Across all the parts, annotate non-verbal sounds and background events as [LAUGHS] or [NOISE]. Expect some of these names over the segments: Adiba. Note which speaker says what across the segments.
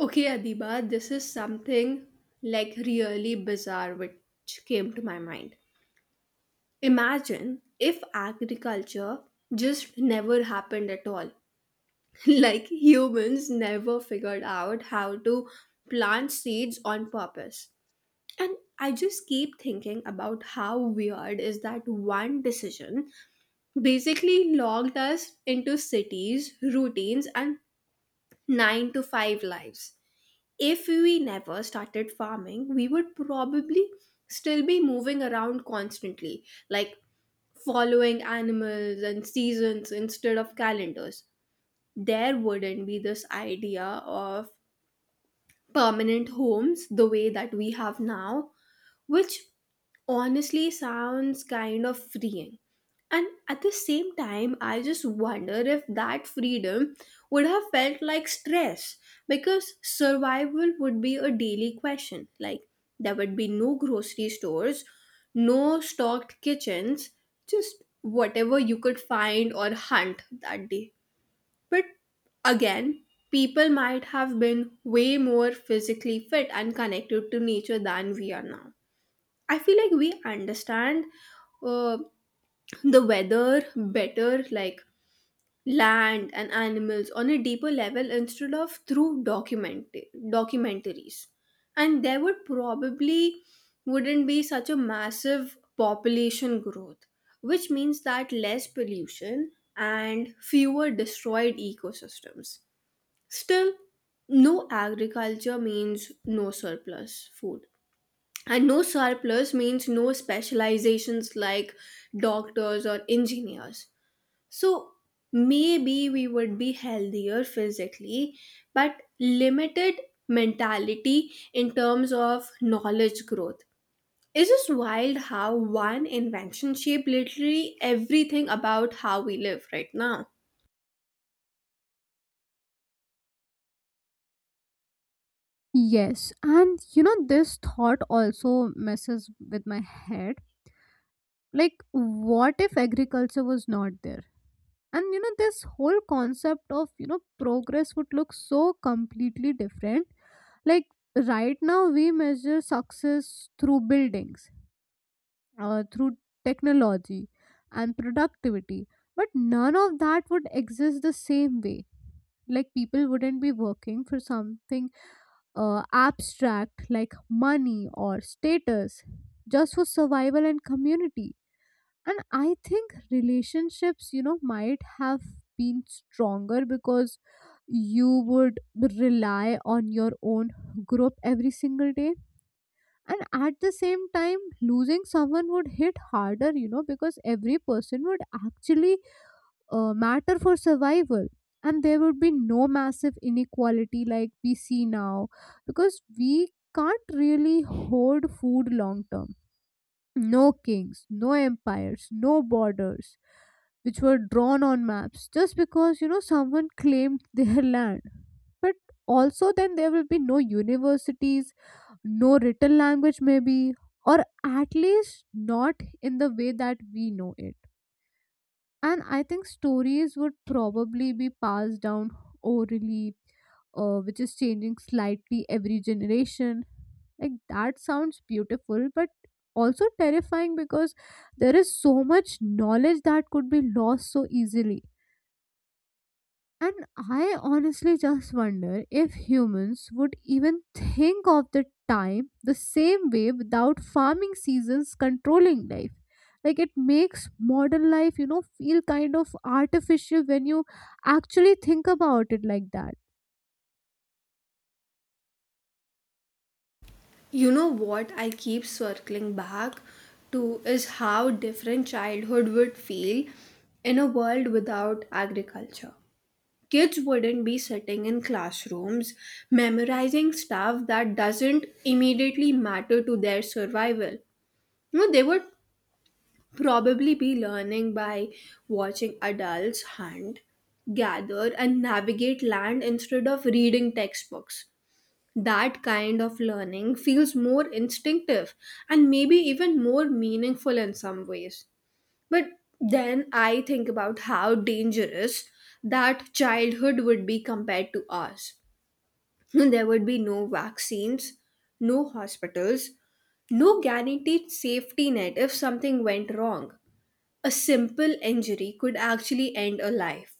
Speaker 1: Okay, Adiba, this is something like really bizarre which came to my mind. Imagine if agriculture just never happened at all. [LAUGHS] Like humans never figured out how to plant seeds on purpose. And I just keep thinking about how weird is that one decision basically logged us into cities, routines, and 9 to 5 lives. If we never started farming, we would probably still be moving around constantly, like following animals and seasons instead of calendars. There wouldn't be this idea of permanent homes the way that we have now, which honestly sounds kind of freeing. And at the same time, I just wonder if that freedom would have felt like stress because survival would be a daily question. Like, there would be no grocery stores, no stocked kitchens, just whatever you could find or hunt that day. But again, people might have been way more physically fit and connected to nature than we are now. I feel like we understand uh, the weather better, like land and animals, on a deeper level instead of through documentaries. And there would probably wouldn't be such a massive population growth, which means that less pollution and fewer destroyed ecosystems. Still, no agriculture means no surplus food, and no surplus means no specializations like doctors or engineers. So maybe we would be healthier physically, but limited mentality in terms of knowledge growth. It's just wild how one invention shaped literally everything about how we live right now.
Speaker 2: Yes, and you know, this thought also messes with my head. Like, what if agriculture was not there? And you know, this whole concept of you know, progress would look so completely different. Like, right now, we measure success through buildings, through technology, and productivity, but none of that would exist the same way. Like, people wouldn't be working for something abstract like money or status just for survival and community. And I think relationships, you know, might have been stronger because you would rely on your own group every single day. And at the same time, losing someone would hit harder, you know, because every person would actually matter for survival, and there would be no massive inequality like we see now because we can't really hoard food long term. No kings, no empires, no borders, which were drawn on maps just because, you know, someone claimed their [LAUGHS] land. But also then there will be no universities, no written language maybe, or at least not in the way that we know it. And I think stories would probably be passed down orally, which is changing slightly every generation. Like that sounds beautiful, but also terrifying because there is so much knowledge that could be lost so easily. And I honestly just wonder if humans would even think of the time the same way without farming seasons controlling life. Like it makes modern life, you know, feel kind of artificial when you actually think about it like that.
Speaker 1: You know what I keep circling back to is how different childhood would feel in a world without agriculture. Kids wouldn't be sitting in classrooms memorizing stuff that doesn't immediately matter to their survival. You know, they would probably be learning by watching adults hunt, gather, and navigate land instead of reading textbooks. That kind of learning feels more instinctive and maybe even more meaningful in some ways. But then I think about how dangerous that childhood would be compared to ours. [LAUGHS] There would be no vaccines, no hospitals, no guaranteed safety net if something went wrong. A simple injury could actually end a life,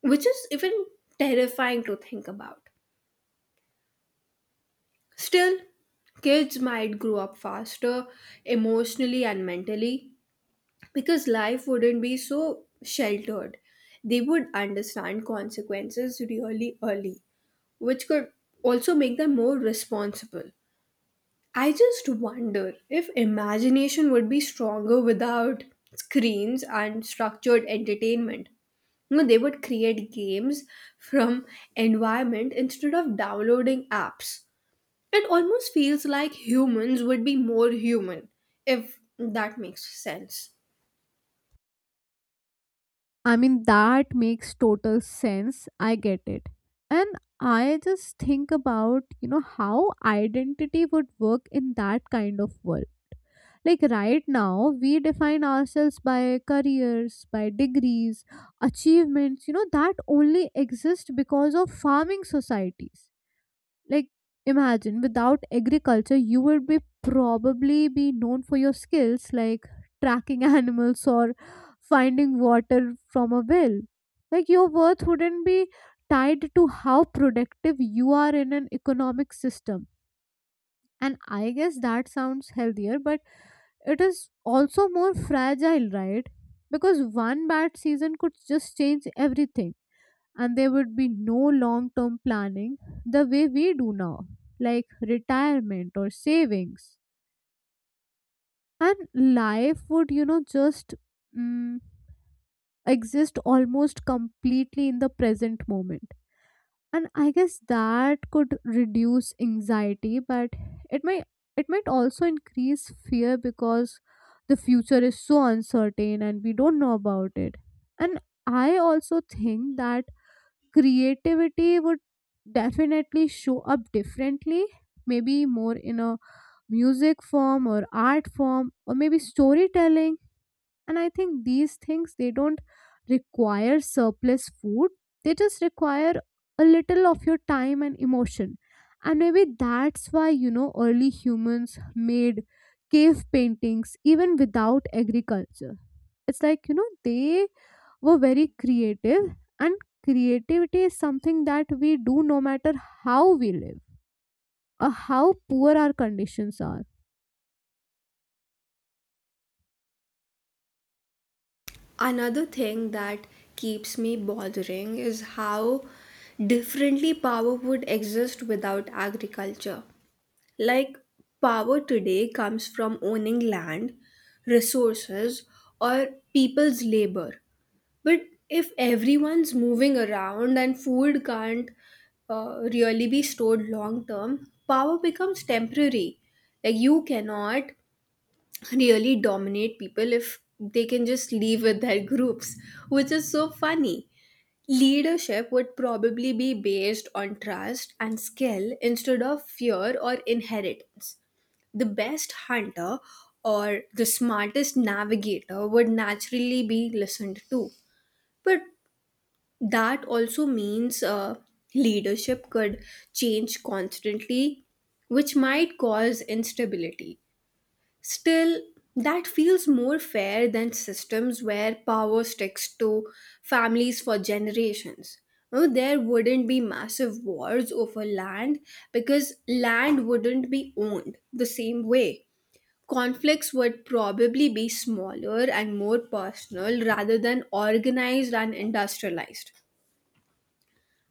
Speaker 1: which is even terrifying to think about. Still, kids might grow up faster emotionally and mentally because life wouldn't be so sheltered. They would understand consequences really early, which could also make them more responsible. I just wonder if imagination would be stronger without screens and structured entertainment. You know, they would create games from environment instead of downloading apps. It almost feels like humans would be more human, if that makes sense.
Speaker 2: I mean, that makes total sense. I get it. And I just think about, you know, how identity would work in that kind of world. Like right now, we define ourselves by careers, by degrees, achievements, you know, that only exist because of farming societies. Like imagine without agriculture, you would be probably be known for your skills like tracking [LAUGHS] animals or finding water from a well. Like your worth wouldn't be tied to how productive you are in an economic system, and I guess that sounds healthier, but it is also more fragile, right? Because one bad season could just change everything, and there would be no long term planning the way we do now, like retirement or savings. And life would, you know, just mm, exist almost completely in the present moment. And I guess that could reduce anxiety, but it might also increase fear because the future is so uncertain and we don't know about it. And I also think that creativity would definitely show up differently, maybe more in a music form or art form or maybe storytelling. And I think these things, they don't require surplus food. They just require a little of your time and emotion. And maybe that's why, you know, early humans made cave paintings even without agriculture. It's like, you know, they were very creative. And creativity is something that we do no matter how we live or how poor our conditions are.
Speaker 1: Another thing that keeps me bothering is how differently power would exist without agriculture. Like, power today comes from owning land, resources, or people's labor. But if everyone's moving around and food can't really be stored long term, power becomes temporary. Like you cannot really dominate people if they can just leave with their groups, which is so funny. Leadership would probably be based on trust and skill instead of fear or inheritance. The best hunter or the smartest navigator would naturally be listened to. But that also means leadership could change constantly, which might cause instability. Still, that feels more fair than systems where power sticks to families for generations. No, there wouldn't be massive wars over land because land wouldn't be owned the same way. Conflicts would probably be smaller and more personal rather than organized and industrialized.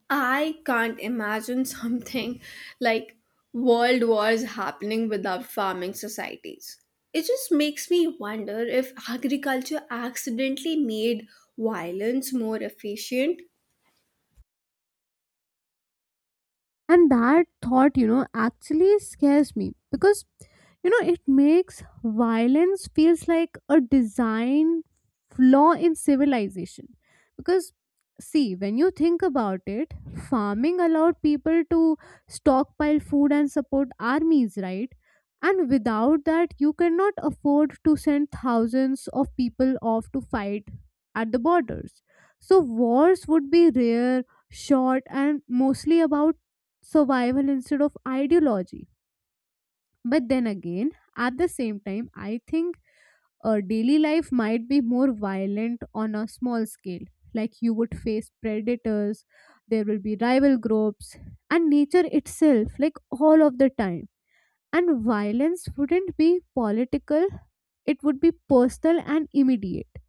Speaker 1: I can't imagine [LAUGHS] something like world wars happening without farming societies. It just makes me wonder if agriculture accidentally made violence more efficient.
Speaker 2: And that thought, you know, actually scares me because, you know, it makes violence feels like a design flaw in civilization. Because, see, when you think about it, farming allowed people to stockpile food and support armies, right? And without that, you cannot afford to send thousands of people off to fight at the borders. So, wars would be rare, short, and mostly about survival instead of ideology. But then again, at the same time, I think daily life might be more violent on a small scale. Like you would face predators, there will be rival groups, and nature itself, like all of the time. And violence wouldn't be political, it would be personal and immediate.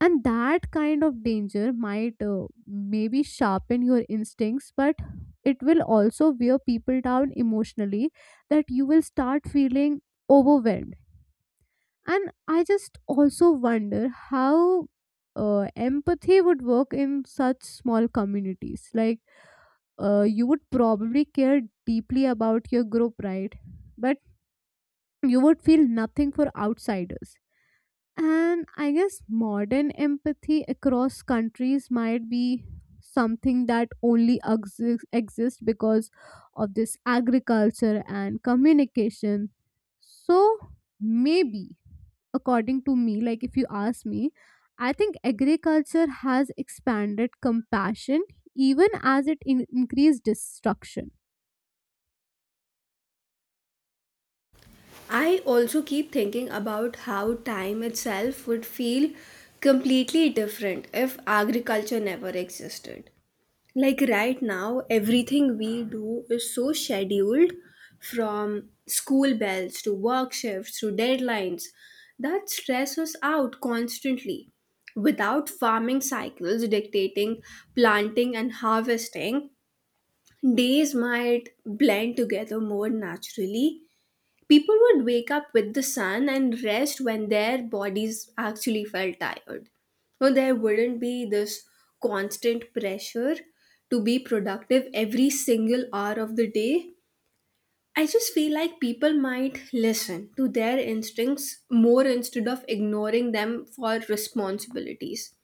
Speaker 2: And that kind of danger might maybe sharpen your instincts, but it will also wear people down emotionally, that you will start feeling overwhelmed. And I just also wonder how empathy would work in such small communities. Like you would probably care deeply about your group, right? But you would feel nothing for outsiders. And I guess modern empathy across countries might be something that only exists because of this agriculture and communication. So maybe, according to me, like if you ask me, I think agriculture has expanded compassion even as it increased destruction.
Speaker 1: I also keep thinking about how time itself would feel completely different if agriculture never existed. Like right now everything we do is so scheduled, from school bells to work shifts to deadlines that stress us out constantly. Without farming cycles dictating planting and harvesting, days might blend together more naturally. People would wake up with the sun and rest when their bodies actually felt tired. So there wouldn't be this constant pressure to be productive every single hour of the day. I just feel like people might listen to their instincts more instead of ignoring them for responsibilities.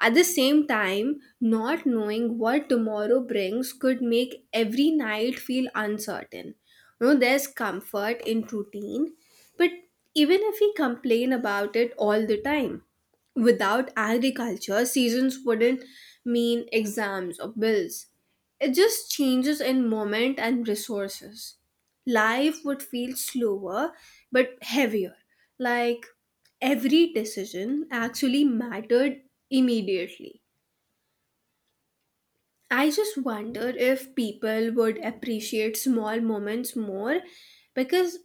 Speaker 1: At the same time, not knowing what tomorrow brings could make every night feel uncertain. You know, there's comfort in routine, but even if we complain about it all the time, without agriculture, seasons wouldn't mean exams or bills. It just changes in moment and resources. Life would feel slower but heavier, like every decision actually mattered immediately. I just wonder if people would appreciate small moments more because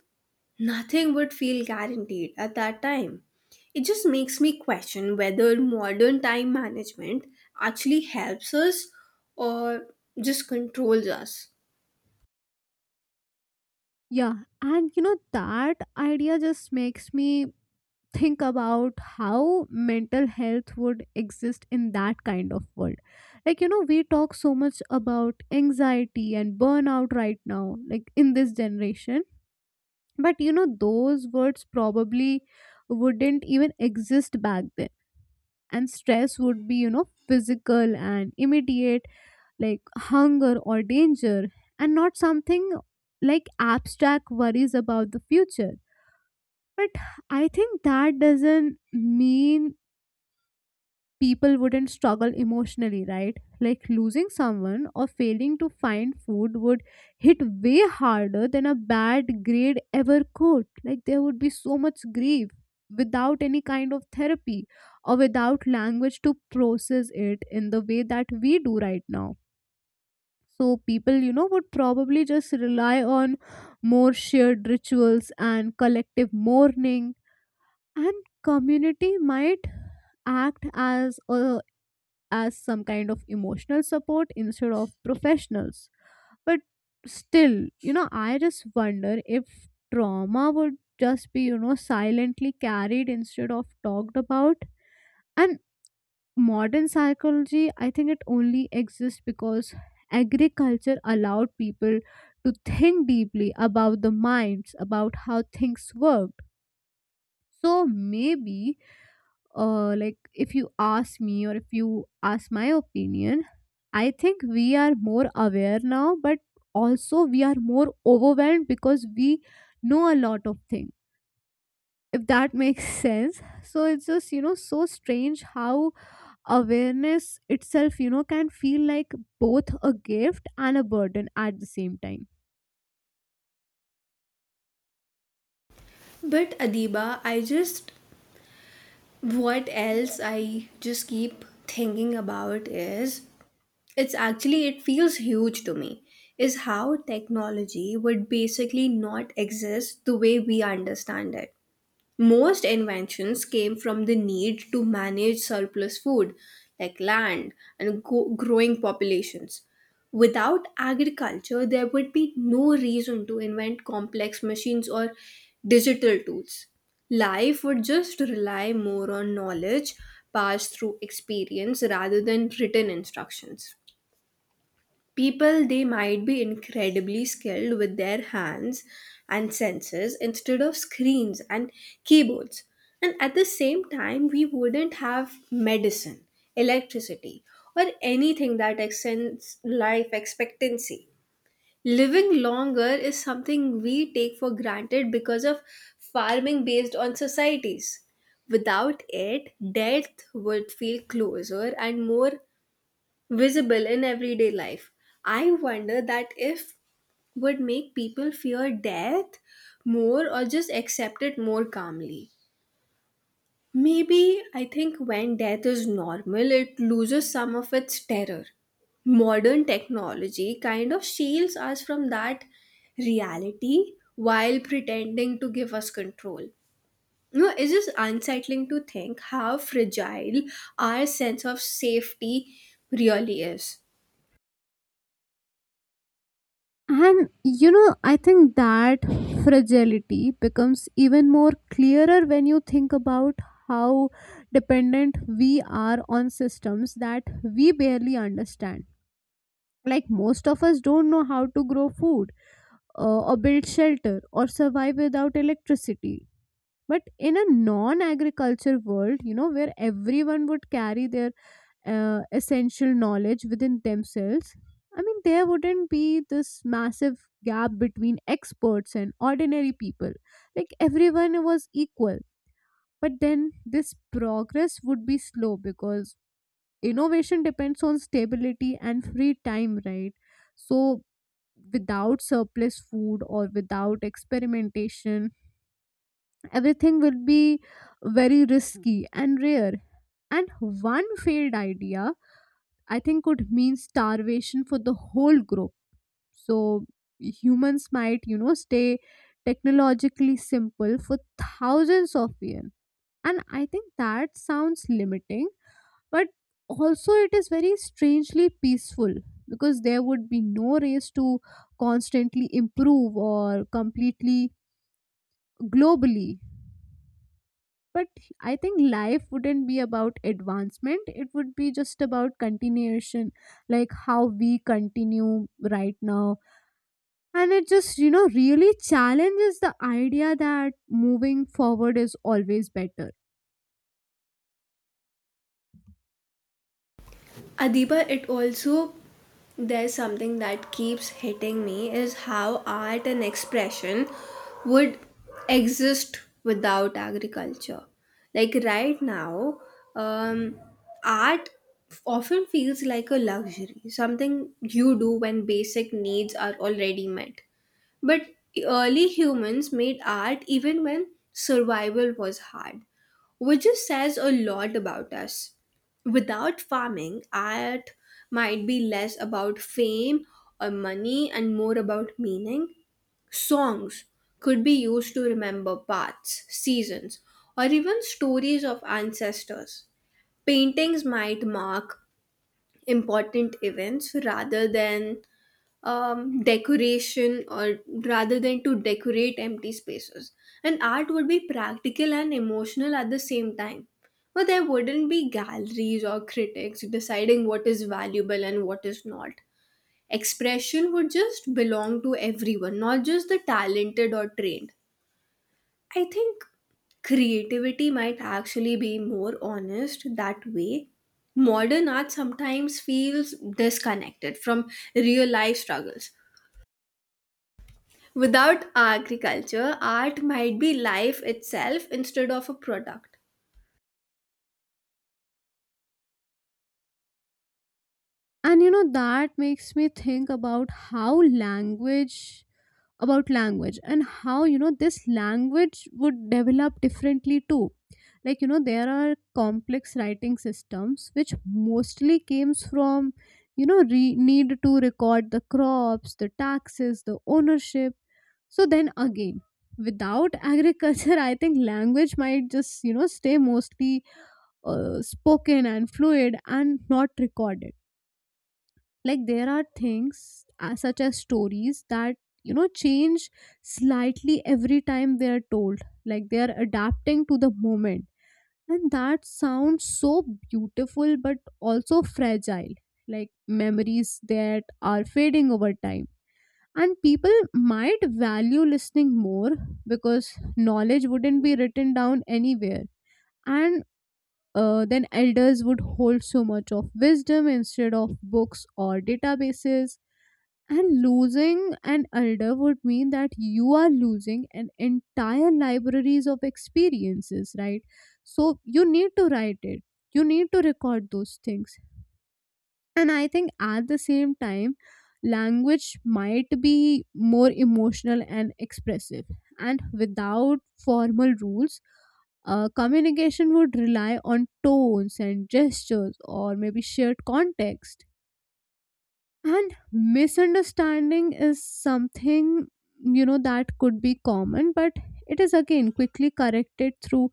Speaker 1: nothing would feel guaranteed at that time. It just makes me question whether modern time management actually helps us or just controls us.
Speaker 2: Yeah, and you know that idea just makes me think about how mental health would exist in that kind of world. Like, you know, we talk so much about anxiety and burnout right now, like in this generation. But, you know, those words probably wouldn't even exist back then. And stress would be, you know, physical and immediate, like hunger or danger, and not something like abstract worries about the future. But I think that doesn't mean people wouldn't struggle emotionally, right? Like losing someone or failing to find food would hit way harder than a bad grade ever could. Like there would be so much grief without any kind of therapy or without language to process it in the way that we do right now. So people, you know, would probably just rely on more shared rituals and collective mourning. And community might act as a as some kind of emotional support instead of professionals. But still, you know, I just wonder if trauma would just be, you know, silently carried instead of talked about. And modern psychology, I think it only exists because agriculture allowed people to think deeply about the minds, about how things worked. So maybe like if you ask me or if you ask my opinion, I think we are more aware now, but also we are more overwhelmed because we know a lot of things, if that [LAUGHS] makes sense. So it's just, you know, so strange how awareness itself, you know, can feel like both a gift and a burden at the same time.
Speaker 1: But Adiba, I just what else I just keep thinking about is it's actually it feels huge to me is how technology would basically not exist the way we understand it. Most inventions came from the need to manage surplus food, like land and growing populations. Without agriculture there would be no reason to invent complex machines or digital tools. Life would just rely more on knowledge passed through experience rather than written instructions. People, they might be incredibly skilled with their hands and senses instead of screens and keyboards. And at the same time, we wouldn't have medicine, electricity, or anything that extends life expectancy. Living longer is something we take for granted because of farming based on societies. Without it, death would feel closer and more visible in everyday life. I wonder that if would make people fear death more or just accept it more calmly. Maybe I think when death is normal, it loses some of its terror. Modern technology kind of shields us from that reality while pretending to give us control. You know, it's just unsettling to think how fragile our sense of safety really is.
Speaker 2: And you know, I think that fragility becomes even more clearer when you think about how dependent we are on systems that we barely understand. Like, most of us don't know how to grow food, or build shelter, or survive without electricity. But in a non agriculture world, you know, where everyone would carry their essential knowledge within themselves, I mean, there wouldn't be this massive gap between experts and ordinary people. Like everyone was equal. But then this progress would be slow because innovation depends on stability and free time, right? So, without surplus food or without experimentation, everything will be very risky and rare. And one failed idea I think could mean starvation for the whole group. So humans might, you know, stay technologically simple for thousands of years. And I think that sounds limiting, but also it is very strangely peaceful because there would be no race to constantly improve or completely globally. But I think life wouldn't be about advancement, it would be just about continuation, like how we continue right now. And it just, you know, really challenges the idea that moving forward is always better.
Speaker 1: Adiba, it also there's something that keeps hitting me is how art and expression would exist without agriculture. Like right now, um, art often feels like a luxury, something you do when basic needs are already met. But early humans made art even when survival was hard, which just says a lot about us. Without farming, art might be less about fame or money and more about meaning. Songs could be used to remember paths, seasons, or even stories of ancestors. Paintings might mark important events rather than decoration or rather than to decorate empty spaces. And art would be practical and emotional at the same time. But there wouldn't be galleries or critics deciding what is valuable and what is not. Expression would just belong to everyone, not just the talented or trained. I think creativity might actually be more honest that way. Modern art sometimes feels disconnected from real life struggles. Without agriculture, art might be life itself instead of a product.
Speaker 2: And you know, that makes me think about how language, about language, and how, you know, this language would develop differently too. Like, you know, there are complex writing systems which mostly came from, you know, need to record the crops, the taxes, the ownership. So then again, without agriculture, [LAUGHS] I think language might just, you know, stay mostly spoken and fluid and not recorded. Like there are things such as stories that, you know, change slightly every time they are told, like they are adapting to the moment. And that sounds so beautiful, but also fragile, like memories that are fading over time. And people might value listening more because knowledge wouldn't be written down anywhere. And then elders would hold so much of wisdom instead of books or databases. And losing an elder would mean that you are losing an entire libraries of experiences, right? So you need to write it. You need to record those things. And I think at the same time, language might be more emotional and expressive. And without formal rules, communication would rely on tones and gestures or maybe shared context. And misunderstanding is something, you know, that could be common, but it is again quickly corrected through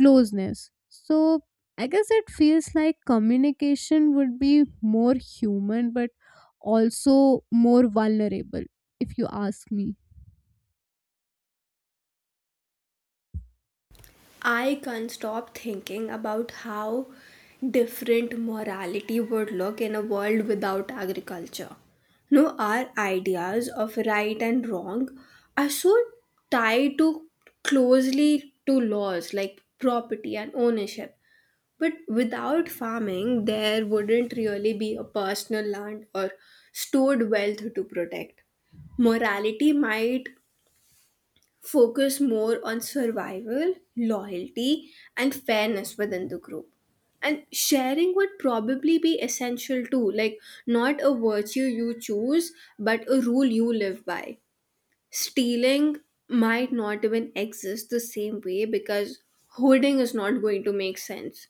Speaker 2: closeness. So I guess it feels like communication would be more human, but also more vulnerable, if you ask me.
Speaker 1: I can't stop thinking about how different morality would look in a world without agriculture. No, our ideas of right and wrong are so tied to closely to laws like property and ownership. But without farming, there wouldn't really be a personal land or stored wealth to protect. Morality might focus more on survival, loyalty, and fairness within the group. And sharing would probably be essential too, like not a virtue you choose, but a rule you live by. Stealing might not even exist the same way because hoarding is not going to make sense.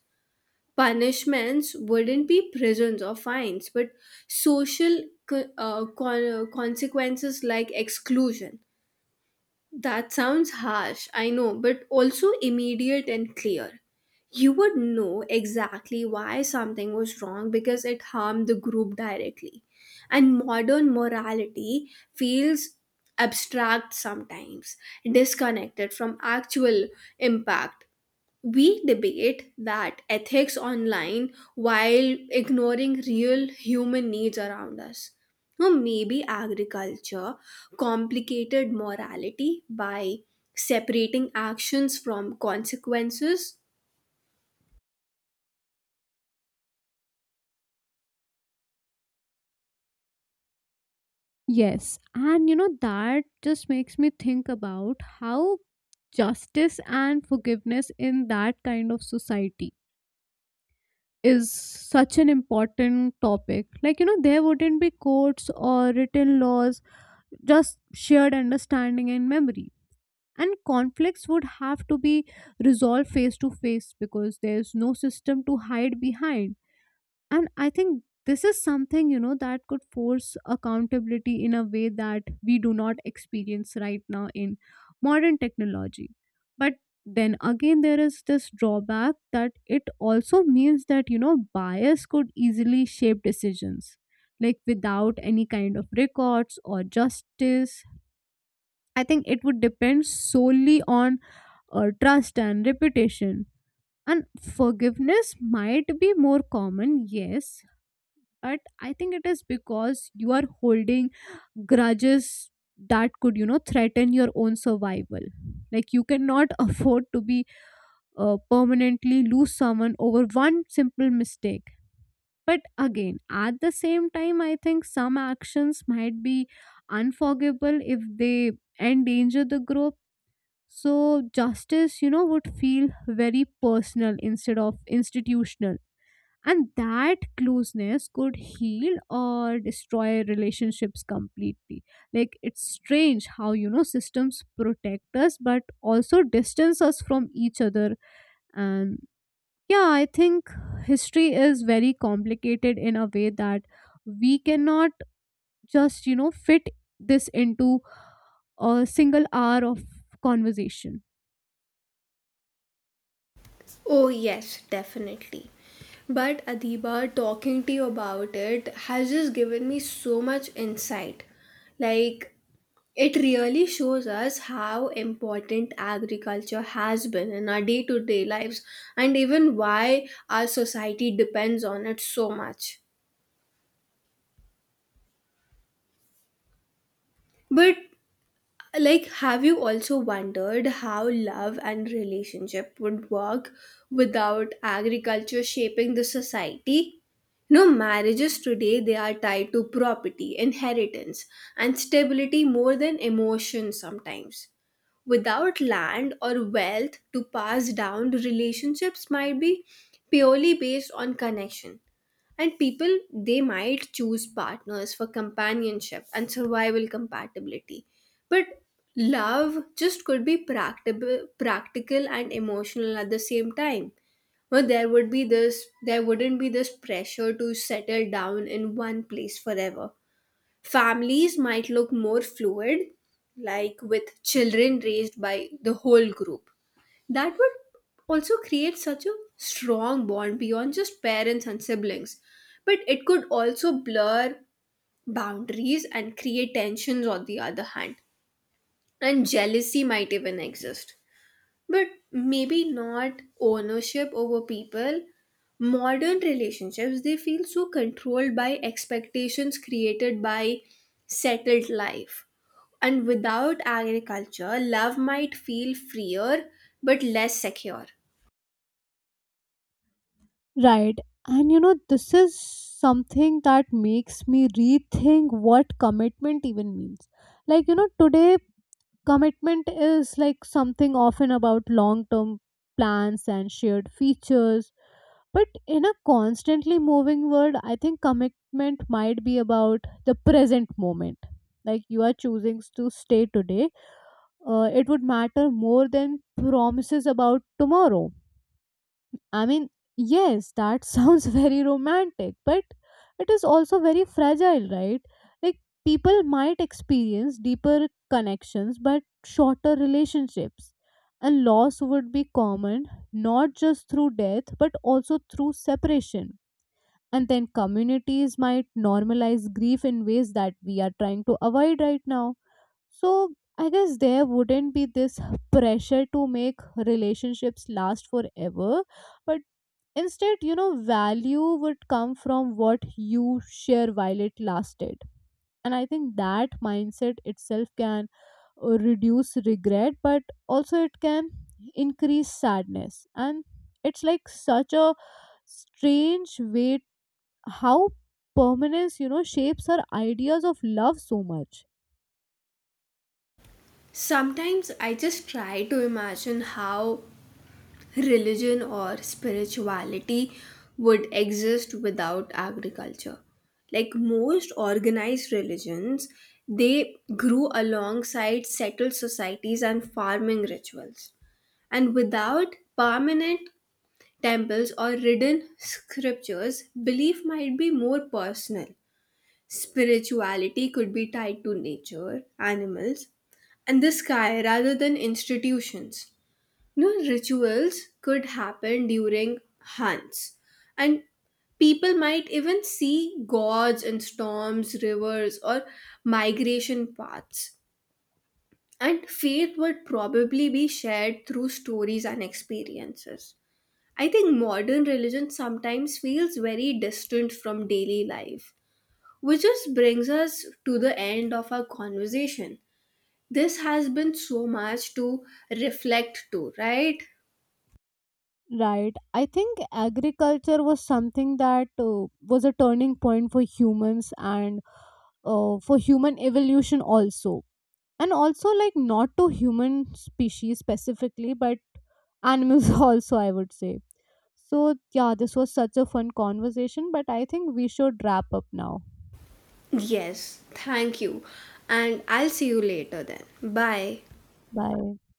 Speaker 1: Punishments wouldn't be prisons or fines, but social consequences like exclusion. That sounds harsh, I know, but also immediate and clear. You would know exactly why something was wrong because it harmed the group directly. And modern morality feels abstract sometimes, disconnected from actual impact. We debate that ethics online while ignoring real human needs around us. Now, maybe agriculture complicated morality by separating actions from consequences.
Speaker 2: Yes, and you know that just makes me think about how justice and forgiveness in that kind of society is such an important topic. Like, you know, there wouldn't be courts or written laws, just shared understanding and memory. And conflicts would have to be resolved face to face because there's no system to hide behind. And I think this is something, you know, that could force accountability in a way that we do not experience right now in modern technology. But then again, there is this drawback that it also means that, you know, bias could easily shape decisions. Like without any kind of records or justice, I think it would depend solely on trust and reputation. And forgiveness might be more common, yes, but I think it is because you are holding grudges that could, you know, threaten your own survival. Like you cannot [LAUGHS] afford to be permanently lose someone over one simple mistake. But again, at the same time, I think some actions might be unforgivable if they endanger the group. So justice, you know, would feel very personal instead of institutional. And that closeness could heal or destroy relationships completely. Like it's strange how, you know, systems protect us but also distance us from each other. And yeah, I think history is very complicated in a way that we cannot just, you know, fit this into a single hour of conversation.
Speaker 1: Oh, yes, definitely. But Adiba, talking to you about it has just given me so much insight. Like, it really shows us how important agriculture has been in our day to day lives and even why our society depends on it so much. But, like, have you also wondered how love and relationship would work without agriculture shaping the society? No, marriages today they are tied to property, inheritance, and stability more than emotion sometimes. Without land or wealth to pass down, relationships might be purely based on connection. And people, they might choose partners for companionship and survival compatibility. But love just could be practical and emotional at the same time. Well, there wouldn't be this pressure to settle down in one place forever. Families might look more fluid, like with children raised by the whole group. That would also create such a strong bond beyond just parents and siblings. But it could also blur boundaries and create tensions on the other hand. And jealousy might even exist. But maybe not ownership over people. Modern relationships, they feel so controlled by expectations created by settled life. And without agriculture, love might feel freer but less secure.
Speaker 2: Right. And you know, this is something that makes me rethink what commitment even means. Like, you know, today, commitment is like something often about long term plans and shared features. But in a constantly moving world, I think commitment might be about the present moment. Like, you are choosing to stay today, it would matter more than promises about tomorrow. I mean, yes, that sounds [LAUGHS] very romantic, but it is also very fragile, right? Like, people might experience deeper connections but shorter relationships. And loss would be common, not just through death but also through separation. And then communities might normalize grief in ways that we are trying to avoid right now. So, I guess there wouldn't be this pressure to make relationships last forever, but instead, you know, value would come from what you share while it lasted. And I think that mindset itself can reduce regret, but also it can increase sadness. And it's like such a strange way how permanence, you know, shapes our ideas of love so much.
Speaker 1: Sometimes I just try to imagine how religion or spirituality would exist without agriculture. Like most organized religions they grew alongside settled societies and farming rituals, and without permanent temples or written scriptures belief might be more personal. Spirituality could be tied to nature, animals, and the sky rather than institutions. No rituals could happen during hunts, and people might even see gods in storms, rivers, or migration paths. And faith would probably be shared through stories and experiences. I think modern religion sometimes feels very distant from daily life, which just brings us to the end of our conversation. This has been so much to reflect to, right?
Speaker 2: Right. I think agriculture was something that was a turning point for humans and for human evolution also. And also like not to human species specifically but animals [LAUGHS] also I would say. So yeah, this was such a fun conversation, but I think we should wrap up now.
Speaker 1: Yes, thank you. And I'll see you later then. Bye.
Speaker 2: Bye.